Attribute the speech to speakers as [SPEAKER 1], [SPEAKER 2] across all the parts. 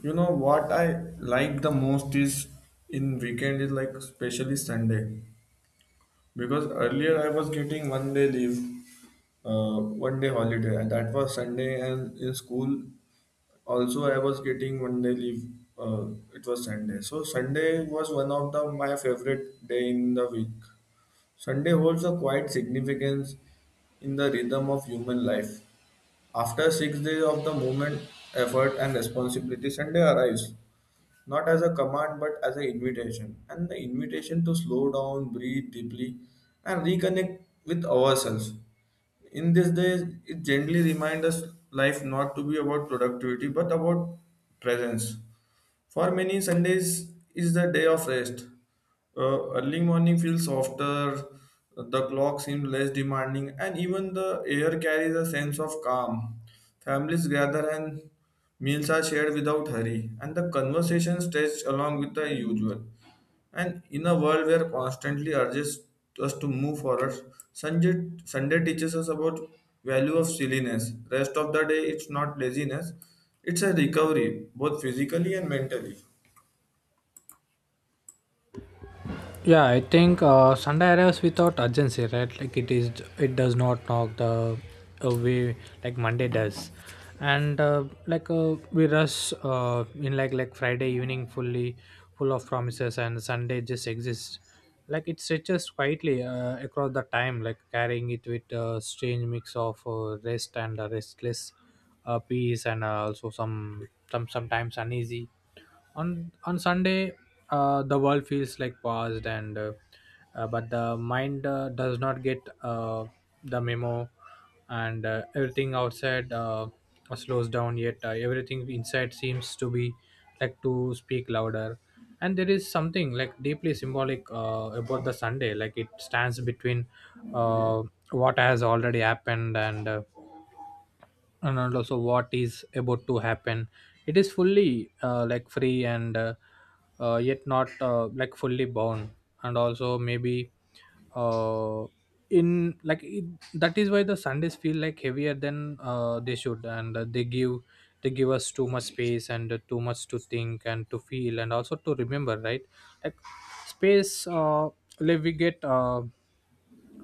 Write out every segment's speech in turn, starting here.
[SPEAKER 1] You know what I like the most is in weekend is like especially Sunday because earlier I was getting one day leave, one day holiday, and that was Sunday. And in school also I was getting one day leave. Uh, it was Sunday, so Sunday was one of the my favorite day in the week. Sunday holds a quiet significance in the rhythm of human life. After 6 days of the movement, effort, and responsibility, Sunday arrives not as a command but as an invitation, and the invitation to slow down, breathe deeply, and reconnect with ourselves. In this day, it gently reminds us life not to be about productivity but about presence. For many, Sundays is the day of rest. Early morning feels softer, the clock seems less demanding, and even the air carries a sense of calm. Families gather and meals are shared without hurry, and the conversation stretched along with the usual. And in a world where constantly urges us to move forward, Sunday teaches us about value of silliness. Rest of the day, it's not laziness; it's a recovery, both physically and mentally.
[SPEAKER 2] Yeah, I think Sunday arrives without urgency, right? Like it is, it does not knock the way like Monday does, and we rush in like Friday evening, full of promises, and Sunday just exists. Like it stretches quietly across the time, like carrying it with a strange mix of rest and restless peace, and also sometimes uneasy on Sunday. The world feels like paused, and but the mind does not get the memo. And everything outside slows down, yet everything inside seems to be like to speak louder. And there is something like deeply symbolic about the Sunday. Like it stands between uh, what has already happened, and also what is about to happen. It is fully like free, and yet not like fully bound. And also maybe uh, in like it, that is why the Sundays feel like heavier than they should, and they give us too much space, and too much to think and to feel and also to remember, right? Like space, we get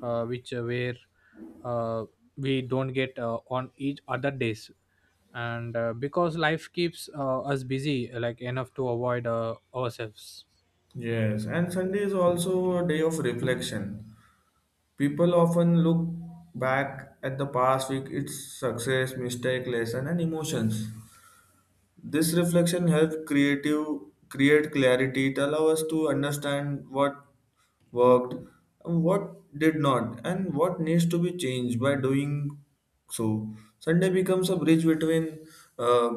[SPEAKER 2] which where uh, we don't get on each other days, and because life keeps us busy like enough to avoid ourselves.
[SPEAKER 1] Yes, and Sunday is also a day of reflection. People often look back at the past week, its success, mistake, lesson, and emotions. This reflection helps creative create clarity. It allows us to understand what worked, and what did not, and what needs to be changed by doing so. Sunday becomes a bridge between uh,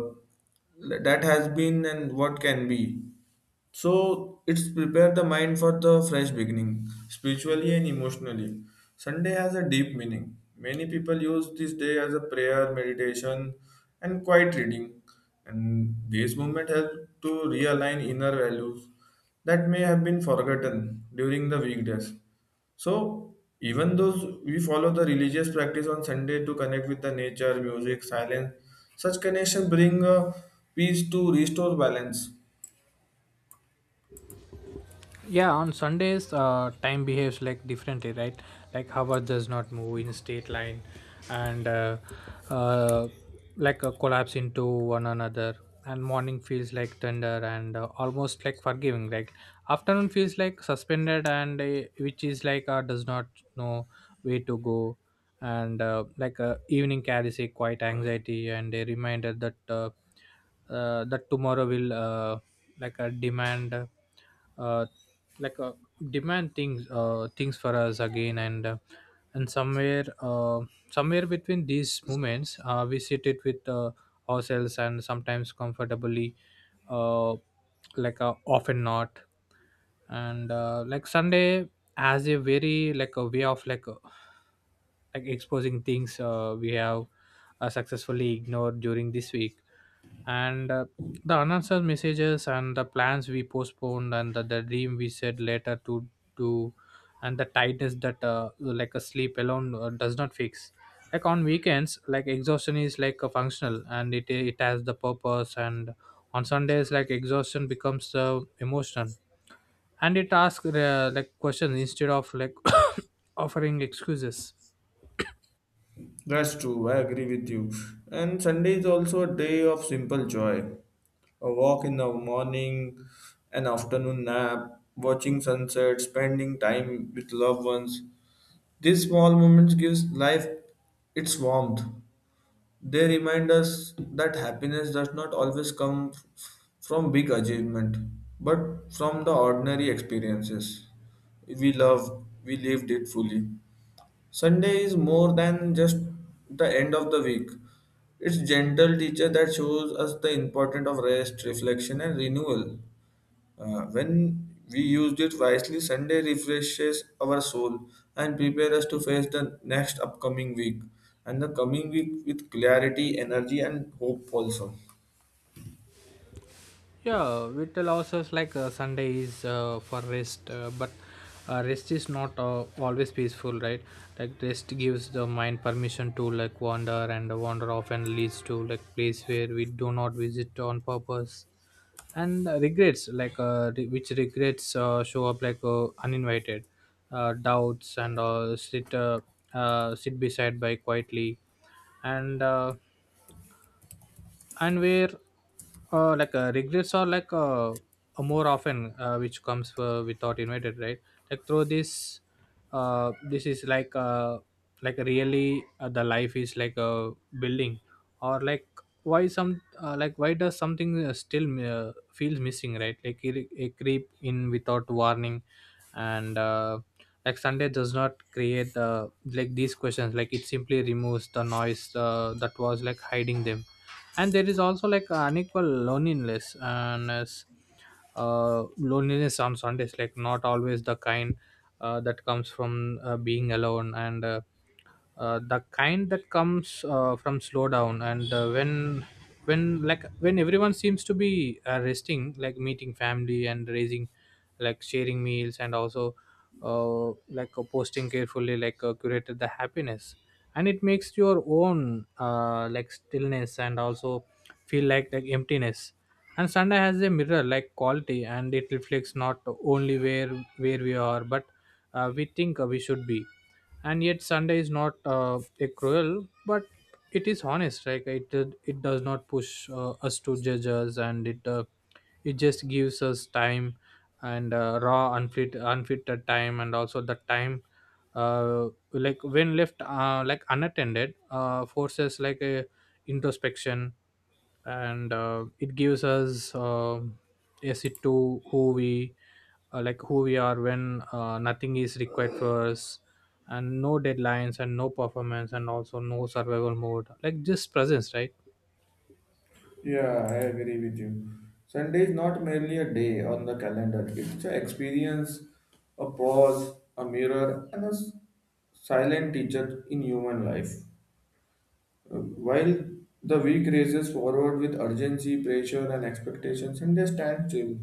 [SPEAKER 1] that has been and what can be. So it's prepared the mind for the fresh beginning, spiritually and emotionally. Sunday has a deep meaning. Many people use this day as a prayer, meditation, and quiet reading. And this movements helps to realign inner values that may have been forgotten during the weekdays. So even though we follow the religious practice on Sunday to connect with the nature, music, silence, such connection bring a peace to restore balance.
[SPEAKER 2] Yeah, on Sundays time behaves like differently, right? Like hour does not move in a straight line, and uh, collapse into one another. And morning feels like tender and almost like forgiving. Like afternoon feels like suspended, and which is does not know where to go. And evening carries a quiet anxiety and a reminder that tomorrow will like uh, demand uh, like uh, demand things for us again, and somewhere between these moments we sit it with ourselves, and sometimes comfortably, uh, often not. And like Sunday has a very like a way of like exposing things we have successfully ignored during this week, and the unanswered messages, and the plans we postponed, and the dream we said later to do, and the tightness that like a sleep alone does not fix. Like on weekends like exhaustion is like a functional, and it has the purpose. And on Sundays like exhaustion becomes emotional, and it asks like questions instead of like offering excuses.
[SPEAKER 1] That's true, I agree with you. And Sunday is also a day of simple joy. A walk in the morning, an afternoon nap, watching sunset, spending time with loved ones. These small moments gives life its warmth. They remind us that happiness does not always come from big achievement, but from the ordinary experiences. We love, we lived it fully. Sunday is more than just the end of the week. It's gentle teacher that shows us the importance of rest, reflection, and renewal. When we used it wisely, Sunday refreshes our soul and prepare us to face the next upcoming week and the coming week with clarity, energy, and hope also.
[SPEAKER 2] Yeah, it allows us Sunday is for rest, but rest is not always peaceful, right? Like rest gives the mind permission to like wander, and the wander often leads to like place where we do not visit on purpose, and regrets like re- which regrets show up like uninvited. Doubts, and sit beside by quietly, and uh, and where regrets are more often, which comes without invited, right? Like through this, this is like really the life is like a building, or like why does something still feels missing, right? Like it creep in without warning. And like Sunday does not create the like these questions, like it simply removes the noise that was like hiding them. And there is also like unequal loneliness. Loneliness on Sundays, like not always the kind that comes from being alone, and the kind that comes from slowdown, and when everyone seems to be resting, like meeting family and raising, like sharing meals, and also uh, posting carefully curated the happiness, and it makes your own like stillness and also feel like emptiness. And Sunday has a mirror like quality, and it reflects not only where we are, but we think we should be. And yet Sunday is not a cruel, but it is honest. Like it does not push us to judge us, and it just gives us time, and raw unfitted time, and also the time uh, like when left like unattended forces like a introspection. And it gives us a sit to who we who we are when nothing is required for us, and no deadlines, and no performance, and also no survival mode, like just presence, right?
[SPEAKER 1] Yeah, I agree with you. Sunday is not merely a day on the calendar, it's an experience, a pause, a mirror, and a silent teacher in human life. While the week races forward with urgency, pressure, and expectations, Sunday stands still.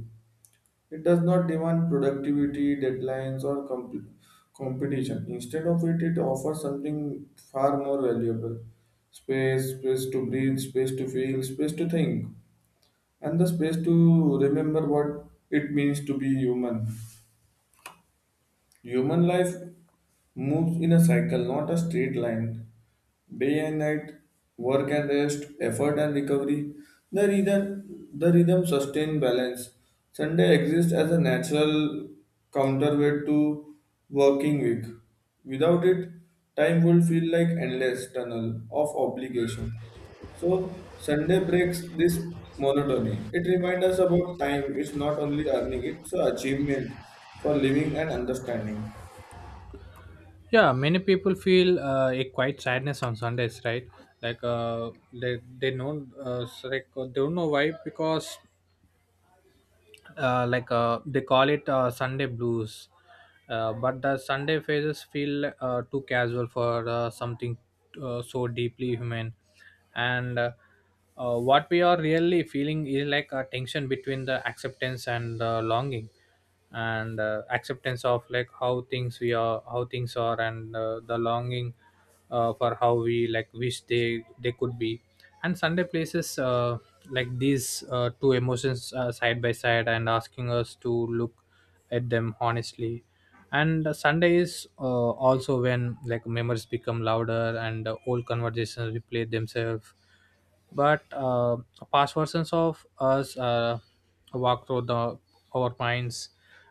[SPEAKER 1] It does not demand productivity, deadlines, or competition. Instead of it, it offers something far more valuable space, space to breathe, space to feel, space to think and the space to remember what it means to be human. Human life moves in a cycle, not a straight line day and night, work and rest, effort and recovery. The rhythm sustain balance. Sunday exists as a natural counterweight to working week. Without it, time would feel like endless tunnel of obligation. So Sunday breaks this monotony. It reminds us about time. It's not only earning; it's an achievement for living and understanding.
[SPEAKER 2] Yeah, many people feel a quiet sadness on Sundays, right? Like they don't know why, because they call it Sunday blues. But the Sunday phases feel too casual for something so deeply human. And what we are really feeling is like a tension between the acceptance and the longing, and acceptance of like how things are, and the longing for how we like wish they could be. And Sunday places like these two emotions side by side, and asking us to look at them honestly. And Sunday is also when like memories become louder, and old conversations replay themselves, but past versions of us walk through the our minds,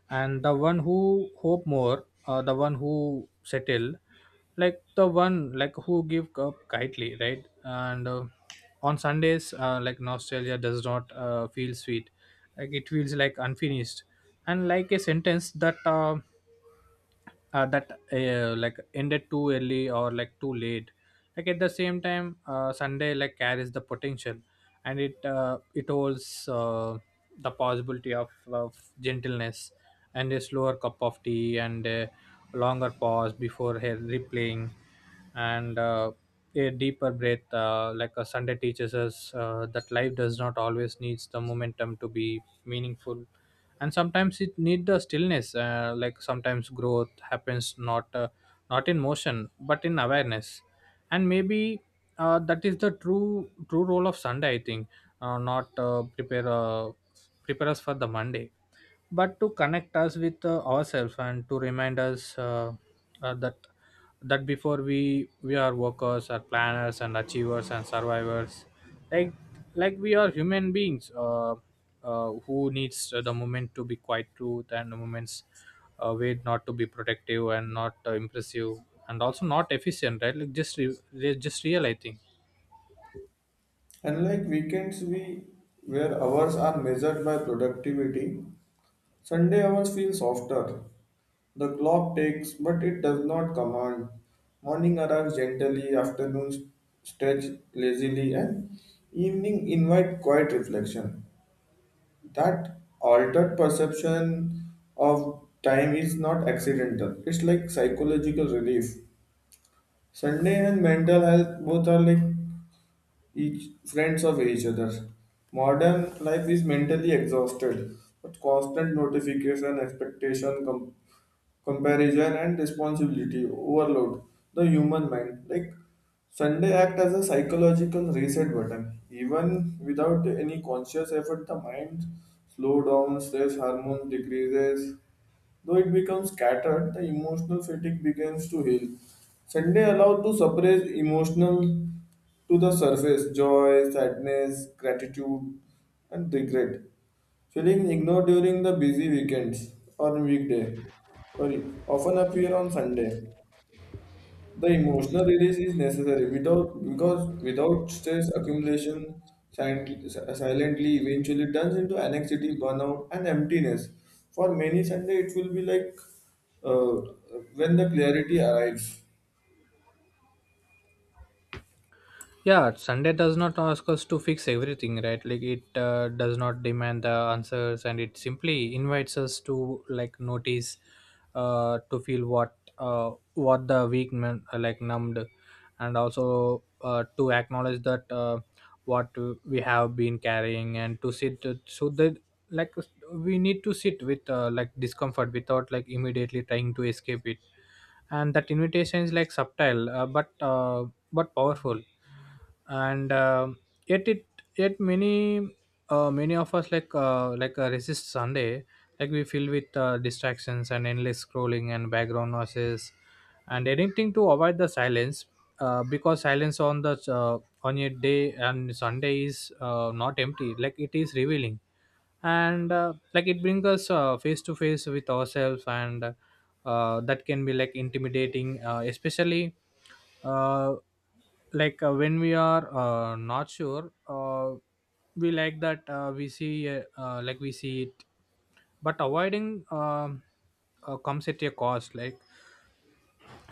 [SPEAKER 2] and the one who hope more, the one who settle, like the one like who give up kindly, right? And on Sundays like nostalgia does not feel sweet. Like it feels like unfinished, and like a sentence that like ended too early or like too late. Like at the same time Sunday like carries the potential, and it holds the possibility of gentleness, and a slower cup of tea, and a longer pause before her replaying, and a deeper breath. Like a Sunday teaches us that life does not always needs the momentum to be meaningful, and sometimes it need the stillness. Like sometimes growth happens not in motion, but in awareness. And maybe that is the true role of Sunday, I think. Not prepare us for the Monday, but to connect us with ourselves, and to remind us uh, that that before we are workers, are planners and achievers and survivors, like like we are human beings, who needs the moment to be quiet truth, and the moments, wait not to be protective and not impressive, and also not efficient, right? Like just just real, I think.
[SPEAKER 1] Unlike weekends, we where hours are measured by productivity, Sunday hours feel softer. The clock takes, but it does not command. Morning arrives gently, afternoons stretch lazily, and evening invite quiet reflection. That altered perception of time is not accidental. It's like psychological relief. Sunday and mental health both are like each friends of each other. Modern life is mentally exhausted, but constant notification, expectation, comparison, and responsibility overload the human mind. Like Sunday act as a psychological reset button. Even without any conscious effort, the mind slow down, stress hormones decreases, though it becomes scattered, the emotional fatigue begins to heal. Sunday allowed to suppress emotional to the surface joy, sadness, gratitude, and regret. Feeling ignored during the busy weekends or weekday, sorry, often appear on Sunday. The emotional release is necessary without because without stress accumulation silently eventually turns into anxiety, burnout, and emptiness. For many Sunday, it will be like uh, when the clarity arrives.
[SPEAKER 2] Yeah, Sunday does not ask us to fix everything, right? Like it does not demand the answers, and it simply invites us to like notice, to feel what the week men like numbed, and also to acknowledge that what we have been carrying, and to sit so that like we need to sit with like discomfort without like immediately trying to escape it. And that invitation is like subtle, but powerful. And yet it yet many of us resist Sunday. Like we feel with distractions, and endless scrolling and background noises, and anything to avoid the silence, because silence on a day and Sunday is not empty. Like it is revealing, and like it brings us face to face with ourselves. And that can be like intimidating, especially uh, when we are not sure, we like that we see like we see it. But avoiding, comes at a cost. Like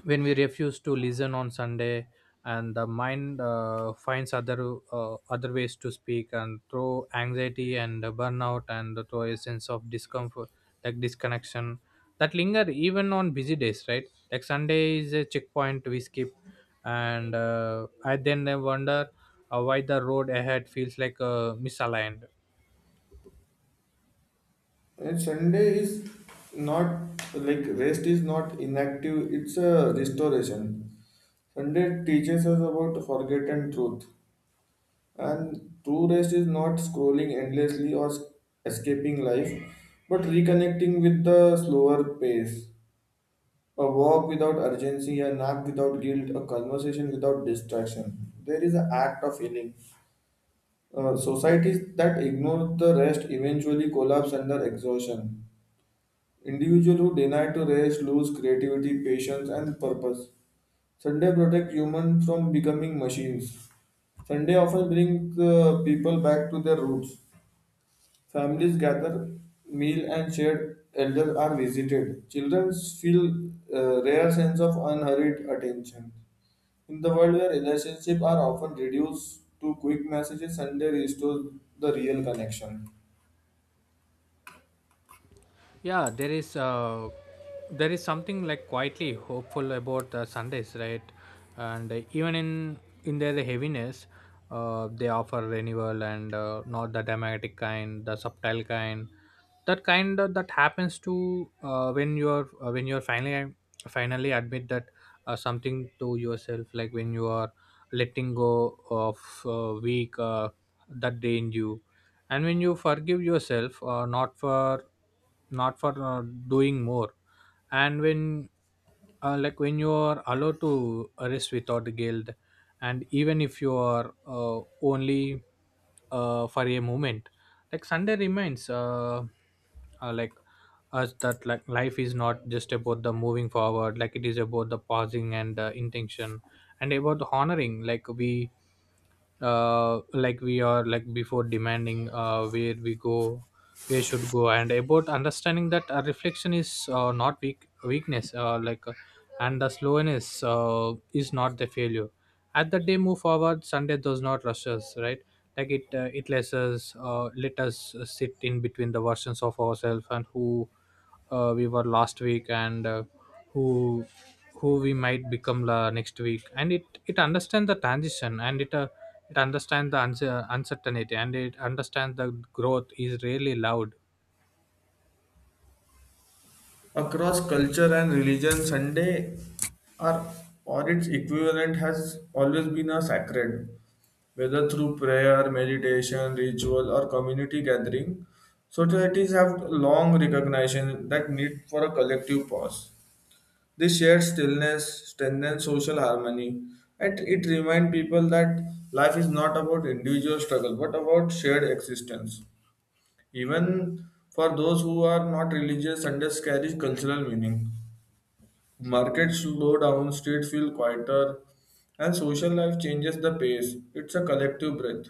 [SPEAKER 2] when we refuse to listen on Sunday, and the mind finds other ways to speak, and through anxiety and burnout, and through a sense of discomfort, like disconnection that linger even on busy days, right? Like Sunday is a checkpoint we skip. And I then I wonder why the road ahead feels like misaligned.
[SPEAKER 1] And Sunday is not like rest is not inactive; it's a restoration. Sunday teaches us about forgotten truth. And true rest is not scrolling endlessly or escaping life, but reconnecting with the slower pace. A walk without urgency, a nap without guilt, a conversation without distraction. There is an act of healing. Societies that ignore the rest eventually collapse under exhaustion. Individuals who deny to rest lose creativity, patience, and purpose. Sunday protect humans from becoming machines. Sunday often brings people back to their roots. Families gather, meal and shared elders are visited. Children feel a rare sense of unhurried attention. In the world where relationships are often reduced to quick messages, Sunday restores the real connection.
[SPEAKER 2] Yeah, there is something like quietly hopeful about Sundays, right? And even in their heaviness they offer renewal, and not the dramatic kind, the subtle kind, that happens to when you're finally admit that something to yourself. Like when you are letting go of weak that drained you, and when you forgive yourself, not for doing more, and when you are allowed to rest without guilt, and even if you are only for A moment. Like sunday reminds uh, uh, like us that like life is not just about the moving forward. Like it is about the pausing and the intention and about the honoring. We are before demanding where we go, where should go, and about understanding that a reflection is not weakness. And the slowness is not the failure. At the day move forward, sunday does not rush us, right? Like it lets us, let us sit in between the versions of ourselves and who we were last week, and who who we might become la next week. And it understands the transition, and it understands the uncertainty, and it understands the growth is really loud.
[SPEAKER 1] Across culture and religion, Sunday or, or its equivalent has always been a sacred, whether through prayer, meditation, ritual, or community gathering. Societies have long recognition that need for a collective pause. This shared stillness strengthens social harmony, and it reminds people that life is not about individual struggle but about shared existence. Even for those who are not religious, Sundays carries cultural meaning. Markets slow down, streets feel quieter, and social life changes the pace. It's a collective breath.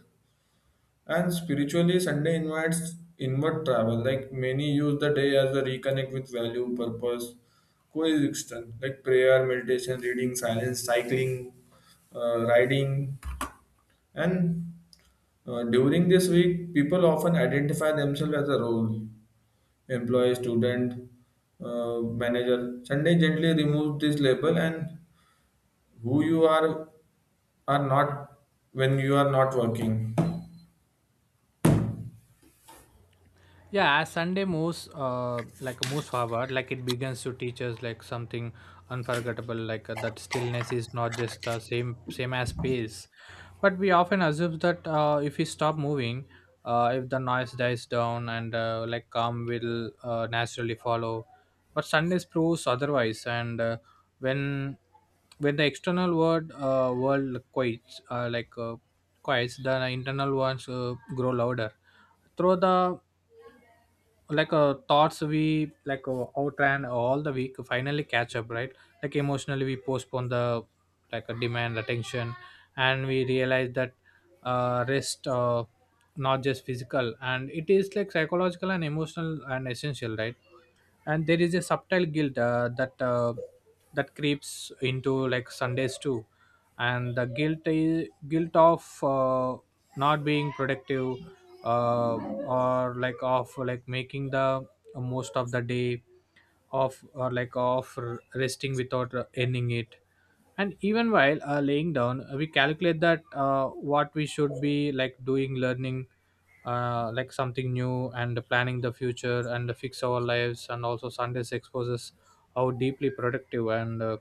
[SPEAKER 1] And spiritually, Sunday invites inward travel. Like many use the day as a reconnect with value, purpose, coexistence, like prayer, meditation, reading, silence, cycling, riding. And during this week, people often identify themselves as a role employee, student, manager. Sunday gently removes this label and who you are not when you are not working.
[SPEAKER 2] Yeah, as Sunday moves, moves forward, like it begins to teach us like something unforgettable, like that stillness is not just the same as space, but we often assume that if we stop moving, if the noise dies down and calm will naturally follow, but Sundays proves otherwise. And when when the external world quiets, quiets, the internal ones grow louder through the thoughts we outran all the week finally catch up, right? Like emotionally we postpone the like a demand attention, and we realize that rest not just physical, and it is like psychological and emotional and essential, right? And there is a subtle guilt that creeps into like sundays too, and the guilt is guilt of not being productive, uh, or like of like making the most of the day, of or like of resting without earning it. And even while laying down, we calculate that what we should be like doing, learning like something new, and planning the future and fix our lives. And also sundays exposes how deeply productive and uh,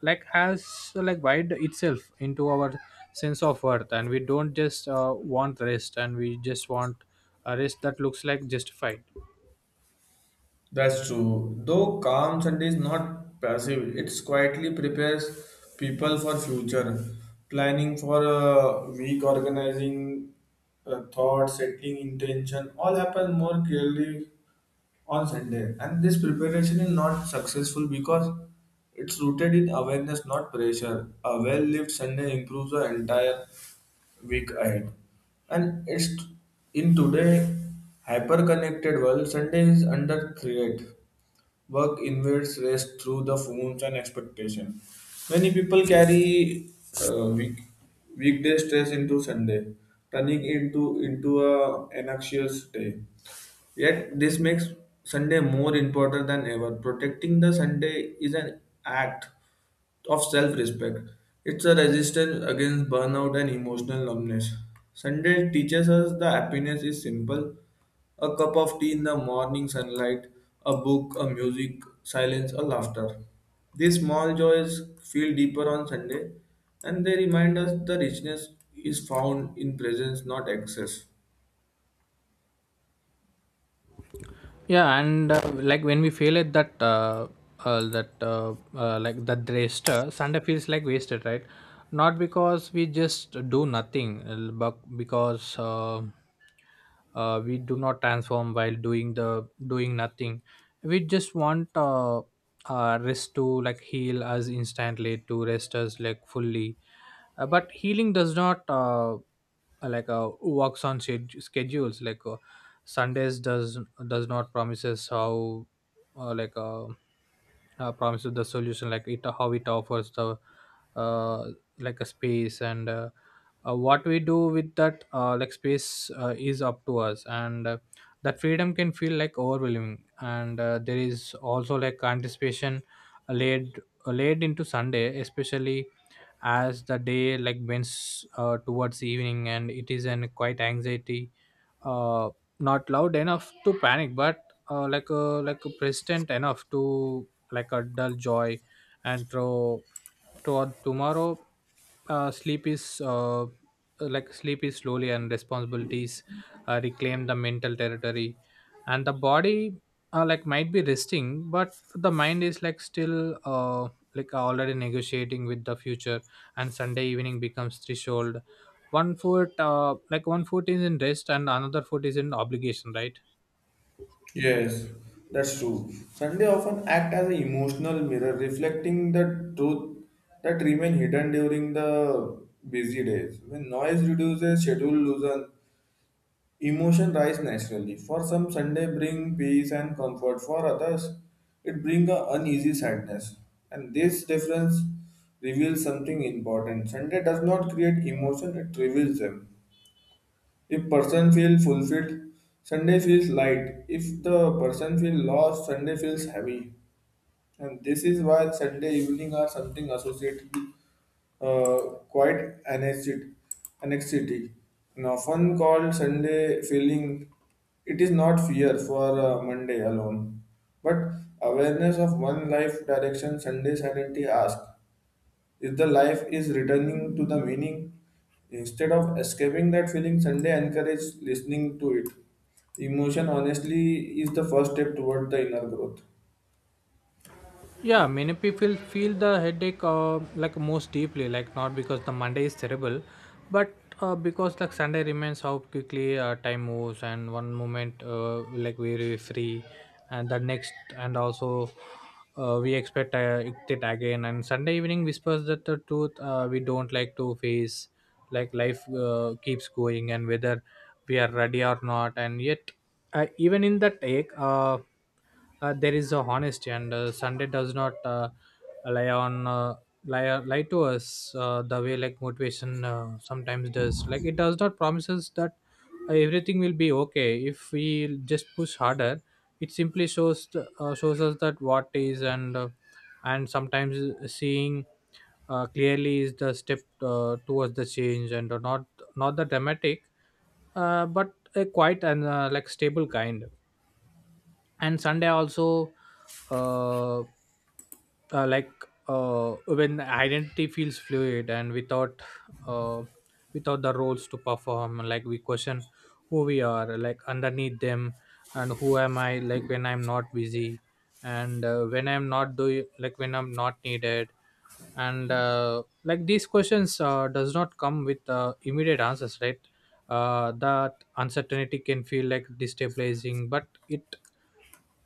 [SPEAKER 2] like has wide itself into our sense of worth. And we don't just want rest, and we just want a rest that looks like justified.
[SPEAKER 1] That's true. Though calm Sunday is not passive, it quietly prepares people for future planning for a week, organizing thought, setting intention. All happen more clearly on Sunday, and this preparation is not successful because it's rooted in awareness, not pressure. A well-lived Sunday improves the entire week ahead. And it's in today hyper-connected world, Sunday is under threat. Work invades rest through the phones and expectation. Many people carry uh, week, weekday stress into Sunday, turning into a anxious day. Yet this makes Sunday more important than ever. Protecting the Sunday is an act of self-respect. It's a resistance against burnout and emotional numbness. Sunday teaches us that happiness is simple. A cup of tea in the morning sunlight, a book, a music, silence, or laughter. These small joys feel deeper on Sunday and they remind us the richness is found in presence, not excess.
[SPEAKER 2] Yeah. And when we fail at that that raster sunday feels like wasted, right? Not because we just do nothing, but because we do not transform while doing the doing nothing. We just want rest to like heal us instantly, to rest us like fully, but healing does not works on schedules. Sundays does not promises how uh, like uh, promises the solution. Like it, how it offers the uh, like a space. And what we do with that space is up to us. And that freedom can feel like overwhelming. And there is also like anticipation laid laid into sunday, especially as the day like winds towards evening. And it is an quite anxiety, uh, not loud enough to panic, but like a persistent enough to like a dull joy and throw toward tomorrow. Sleep is Sleep is slowly, and responsibilities reclaim the mental territory. And the body like might be resting, but the mind is like still already negotiating with the future. And sunday evening becomes threshold, one foot one foot is in rest and another foot is in obligation, right?
[SPEAKER 1] Yes, that's true. Sunday often act as an emotional mirror, reflecting the truth that remain hidden during the busy days. When noise reduces, schedule loosens, emotion rise naturally. For some, Sunday bring peace and comfort. For others, it bring a uneasy sadness. And this difference reveals something important. Sunday does not create emotion; it reveals them. If person feel fulfilled, Sunday feels light. If the person feel lost, Sunday feels heavy. And this is why Sunday evening are something associated with uh, quite anxiety, anxiety, and often called Sunday feeling. It is not fear for Monday alone, but awareness of one life direction. Sunday sanity ask. If the life is returning to the meaning instead of escaping that feeling, Sunday encourages listening to it. Emotion, honestly, is the first step toward the inner growth.
[SPEAKER 2] Yeah, many people feel the headache like most deeply, like not because the Monday is terrible, but because like Sunday remains how quickly time moves, and one moment like we're very free, and the next, and also we expect it again. And Sunday evening whispers that the truth we don't like to face, like life keeps going, and whether we are ready or not. And yet even in that take there is a honesty. And sunday does not lie on uh, lie to us the way like motivation sometimes does. Like it does not promises that everything will be okay if we just push harder. It simply shows shows us that what is. And and sometimes seeing clearly is the step towards the change, and not not the dramatic, but a quiet and stable kind. And sunday also uh, uh like when identity feels fluid, and without uh without the roles to perform, like we question who we are like underneath them. And who am I like when I'm not busy, and when I'm not doing, like when I'm not needed? And these questions does not come with immediate answers, right? That uncertainty can feel like destabilizing, but it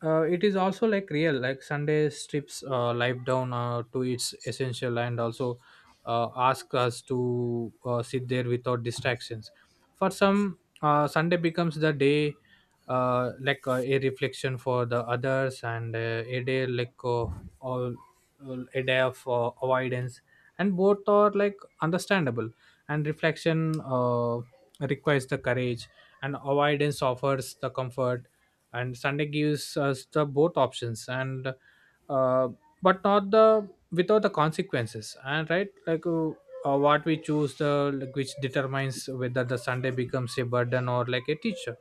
[SPEAKER 2] uh, it is also like real. Like sunday strips life down to its essential, and also ask us to sit there without distractions. For some, sunday becomes the day a reflection. For the others, and a day all, a day of avoidance. And both are like understandable. And reflection requires the courage, and avoidance offers the comfort. And sunday gives us the both options, and uh, but not the without the consequences. And right, what we choose, which determines whether the sunday becomes a burden or like a teacher.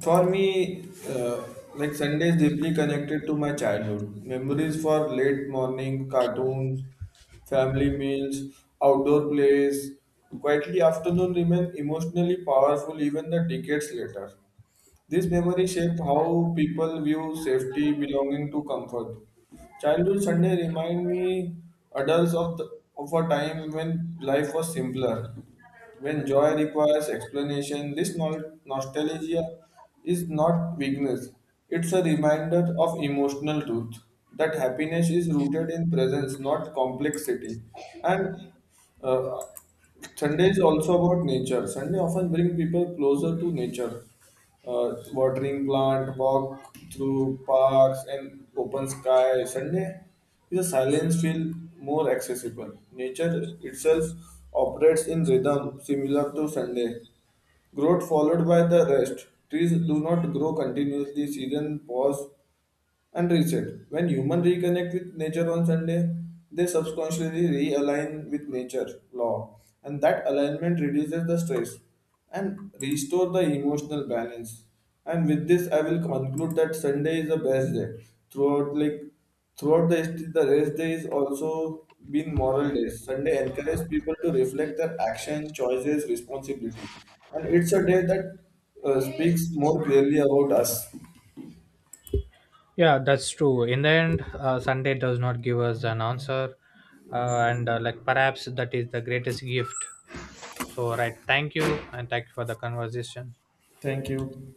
[SPEAKER 1] For me, like Sunday is deeply connected to my childhood. Memories for late morning cartoons, family meals, outdoor plays. Quietly afternoon remain emotionally powerful even the decades later. This memory shaped how people view safety, belonging to comfort. Childhood Sunday remind me adults of a time when life was simpler, when joy requires explanation. This nostalgia is not weakness; it's a reminder of emotional truth that happiness is rooted in presence, not complexity. And uh, Sunday is also about nature. Sunday often bring people closer to nature watering plant, walk through parks and open sky. Sunday is a silence feel more accessible. Nature itself operates in rhythm similar to Sunday. Growth followed by the rest. Trees do not grow continuously, season pause and reset. When humans reconnect with nature on Sunday, they subconsciously realign with nature law, and that alignment reduces the stress and restore the emotional balance. And with this, I will conclude that Sunday is the best day. Throughout, like throughout the history, the rest day is also been moral days. Sunday encourages people to reflect their action, choices, responsibility, and it's a day that speaks more clearly about us.
[SPEAKER 2] Yeah, that's true. In the end, sunday does not give us an answer, and perhaps that is the greatest gift. So right, thank you, and thank you for the conversation.
[SPEAKER 1] Thank you.